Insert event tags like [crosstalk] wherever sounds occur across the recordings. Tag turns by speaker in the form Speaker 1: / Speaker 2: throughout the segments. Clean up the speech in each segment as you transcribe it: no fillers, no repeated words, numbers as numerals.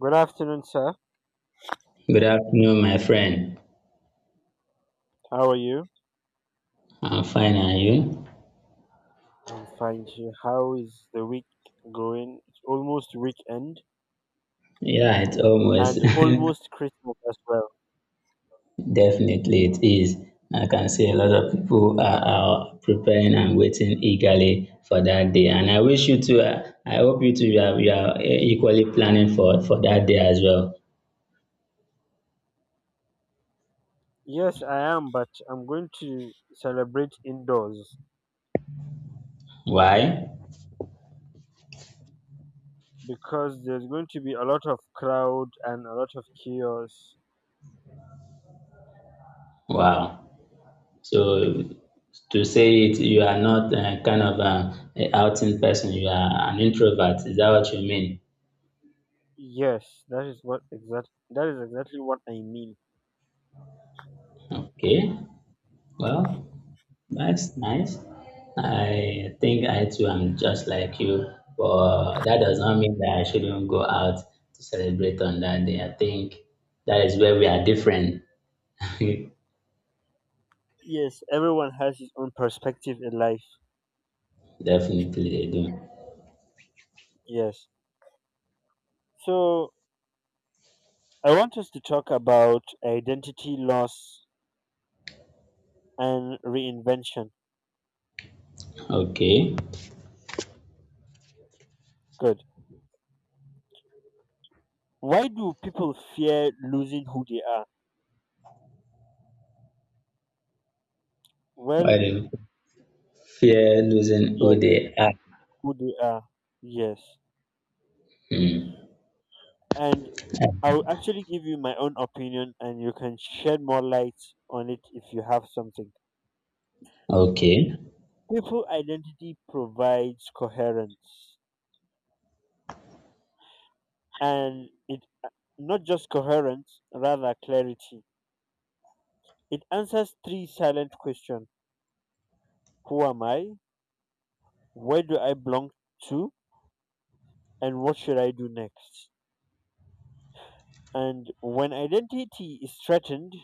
Speaker 1: Good afternoon, sir.
Speaker 2: Good afternoon, my friend.
Speaker 1: How are you?
Speaker 2: I'm fine, and you?
Speaker 1: I'm fine, sir. How is the week going? It's almost weekend
Speaker 2: Yeah, it's almost
Speaker 1: and
Speaker 2: [laughs]
Speaker 1: almost Christmas as well.
Speaker 2: definitely it is. I can see a lot of people are preparing and waiting eagerly for that day, and I wish you too. I hope you too. You are equally planning for that day as well.
Speaker 1: Yes, I am, but I'm going to celebrate indoors
Speaker 2: Why?
Speaker 1: because there's going to be a lot of crowd and a lot of chaos.
Speaker 2: Wow. So to say it, you are not kind of a outing person. You are an introvert. Is that what you mean?
Speaker 1: Yes, that is exactly what I mean.
Speaker 2: Okay. Well, that's nice. I think I too am just like you, but that does not mean that I shouldn't go out to celebrate on that day. I think that is where we are different. [laughs] Definitely
Speaker 1: Yes, everyone has his own perspective in life.
Speaker 2: they do.
Speaker 1: Yes. So I want us to talk about identity loss and reinvention.
Speaker 2: Okay.
Speaker 1: Good. Why do people fear losing who they are?
Speaker 2: Why
Speaker 1: Well,
Speaker 2: do fear losing who
Speaker 1: yes,
Speaker 2: they are?
Speaker 1: who they are. Yes.
Speaker 2: Hmm.
Speaker 1: And I'll actually give you my own opinion and you can shed more light on it if you have something.
Speaker 2: Okay.
Speaker 1: People identity provides coherence and it not just coherence, rather clarity. It answers three silent questions. Who am I? Where do I belong to? And what should I do next? And when identity is threatened,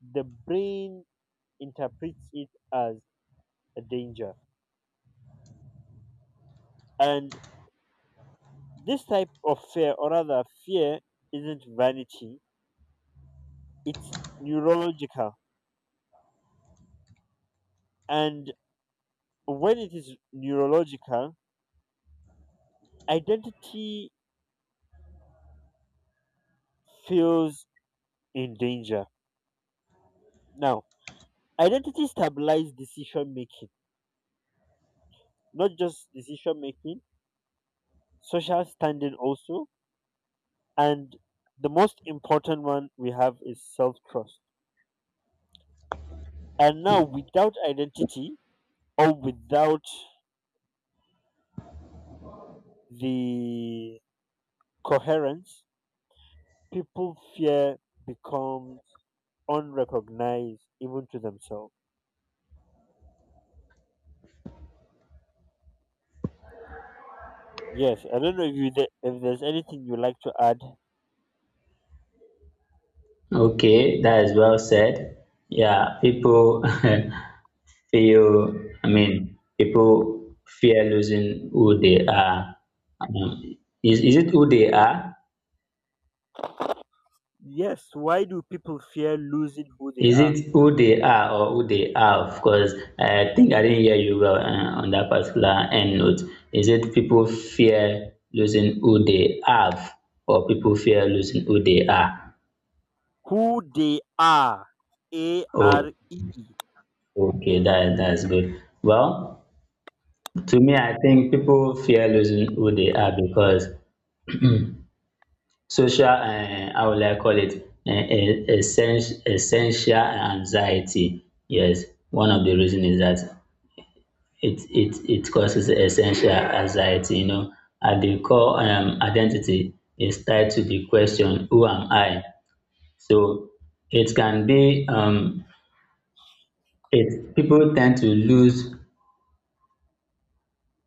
Speaker 1: the brain interprets it as a danger. And this type of fear, or rather, fear isn't vanity, it's neurological. And when it is neurological, identity feels in danger. Now, identity stabilizes decision making, not just decision making, social standing also. And the most important one we have is self trust. And now, without identity or without the coherence people fear becomes unrecognized even to themselves. Yes, I don't know if there's anything you like to add.
Speaker 2: Okay, that is well said. Yeah, people [laughs] feel, I mean, people fear losing who they are, um, is it who they are?
Speaker 1: Yes, why do people fear losing who they
Speaker 2: Is
Speaker 1: are?
Speaker 2: it who they are or who they have? Cause I think I didn't hear you well, on that particular end note, is it people fear losing who they have or people fear losing who they are?
Speaker 1: Who they are. A
Speaker 2: Oh,
Speaker 1: R E.
Speaker 2: okay, that's good. Well, to me, I think people fear losing who they are because [clears throat] social, how will I call it, essential, essential anxiety. Yes, one of the reason is that it causes essential anxiety, you know. At the core, identity is tied to the question, who am I? So it can be, it, people tend to lose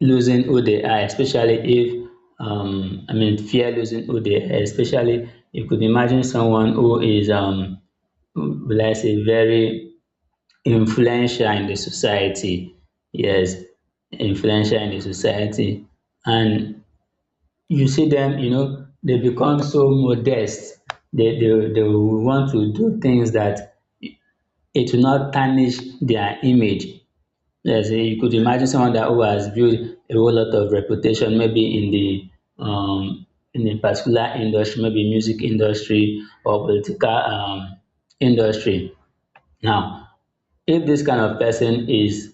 Speaker 2: losing who they are, especially if, I mean, fear losing who they are, especially. You could imagine someone who is, will I say, very influential in the society. Yes, influential in the society. And you see them, you know, they become so modest. They will want to do things that it will not tarnish their image. Yes, you could imagine someone that who has built a whole lot of reputation, maybe in the in a particular industry, maybe music industry or political, industry. Now, if this kind of person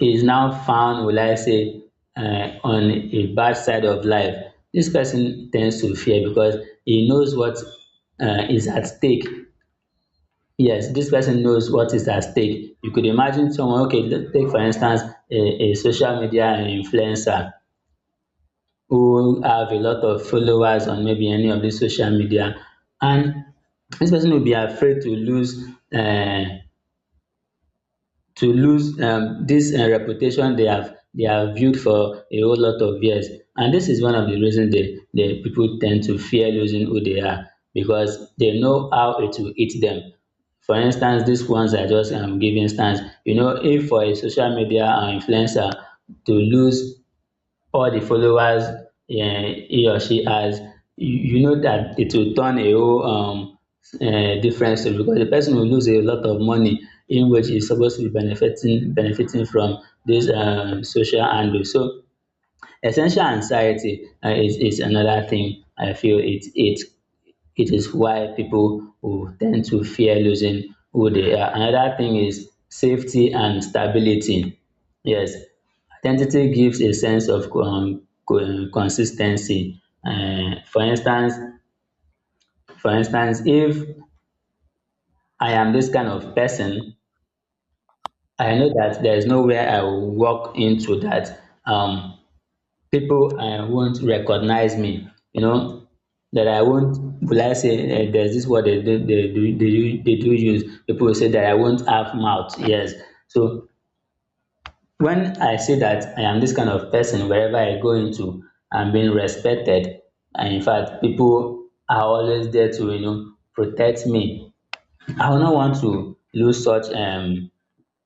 Speaker 2: is now found, will I say, on a bad side of life, this person tends to fear because he knows what, is at stake. Yes, this person knows what is at stake. You could imagine someone, okay, take for instance a social media influencer who have a lot of followers on maybe any of the social media, and this person will be afraid to lose. Uh, to lose, this, reputation they have built for a whole lot of years, and this is one of the reasons the people tend to fear losing who they are, because they know how it will eat them. For instance, these ones I just, giving instance, you know, if for a social media, influencer to lose or the followers, eh, he or she has, you know that it will turn a whole, difference to, because the person will lose a lot of money in which he's supposed to be benefiting from this, social angle. So essential anxiety, is another thing I feel it is why people will tend to fear losing who they are. Another thing is safety and stability. Yes, identity gives a sense of, consistency. For instance, if I am this kind of person, I know that there is nowhere I will walk into that, um, people won't recognize me, you know, that I won't, will I say, there's this word they do they do use, people say, that I won't have mouth. Yes, so when I say that I am this kind of person, wherever I go into, I'm being respected, and in fact people are always there to, you know, protect me. I will not want to lose such,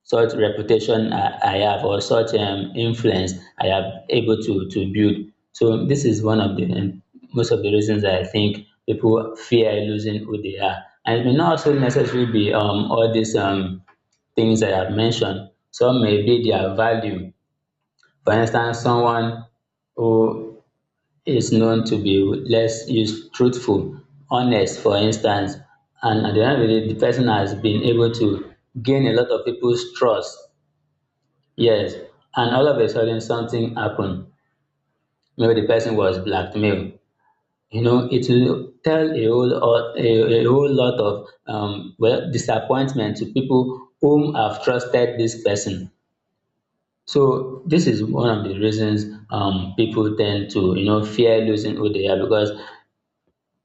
Speaker 2: such reputation I have, or such, influence I have able to build. So this is one of the, most of the reasons I think people fear losing who they are. And it may not also necessarily be, all these, things I have mentioned. Some may be their value. For instance, someone who is known to be less use truthful, honest, for instance, and at the end of the day, the person has been able to gain a lot of people's trust. Yes, and all of a sudden something happened. Maybe the person was blackmailed. You know, it will tell a whole lot, a whole lot of, well, disappointment to people whom have trusted this person. So this is one of the reasons, people tend to, you know, fear losing who they are, because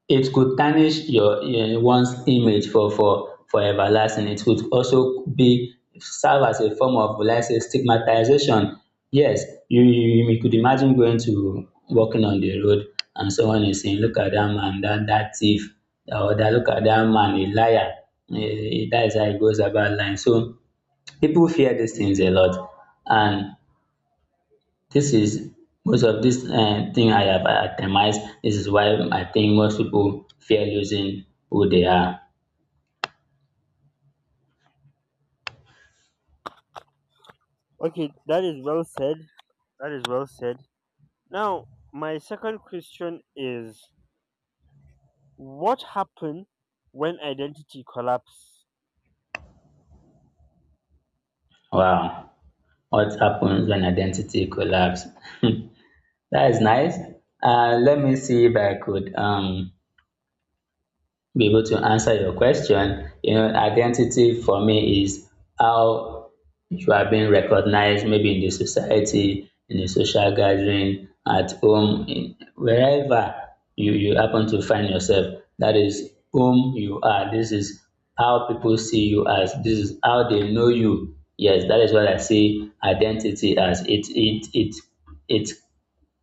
Speaker 2: it could tarnish your, one's image for for everlasting. It could also be serve as a form of, will I say, stigmatization. Yes, you could imagine going to walking on the road, and someone is saying, look at that man, that thief, or that, look at that man, a liar. Eh, that is how it goes about lying. So people fear these things a lot, and this is most of this, thing I have itemized. This is why I think most people fear losing who they are.
Speaker 1: Okay, that is well said. That is well said. Now, my second question is what happened when identity collapse?
Speaker 2: Wow. What happens when identity collapse? [laughs] That is nice. Let me see if I could, be able to answer your question. You know, identity for me is how you are being recognized, maybe in the society, in the social gathering, at home, in, wherever you happen to find yourself. That is whom you are. This is how people see you as. This is how they know you. Yes, that is what I see identity as. It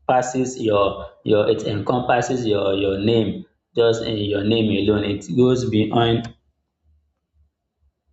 Speaker 2: passes your it encompasses your name, just in your name alone it goes beyond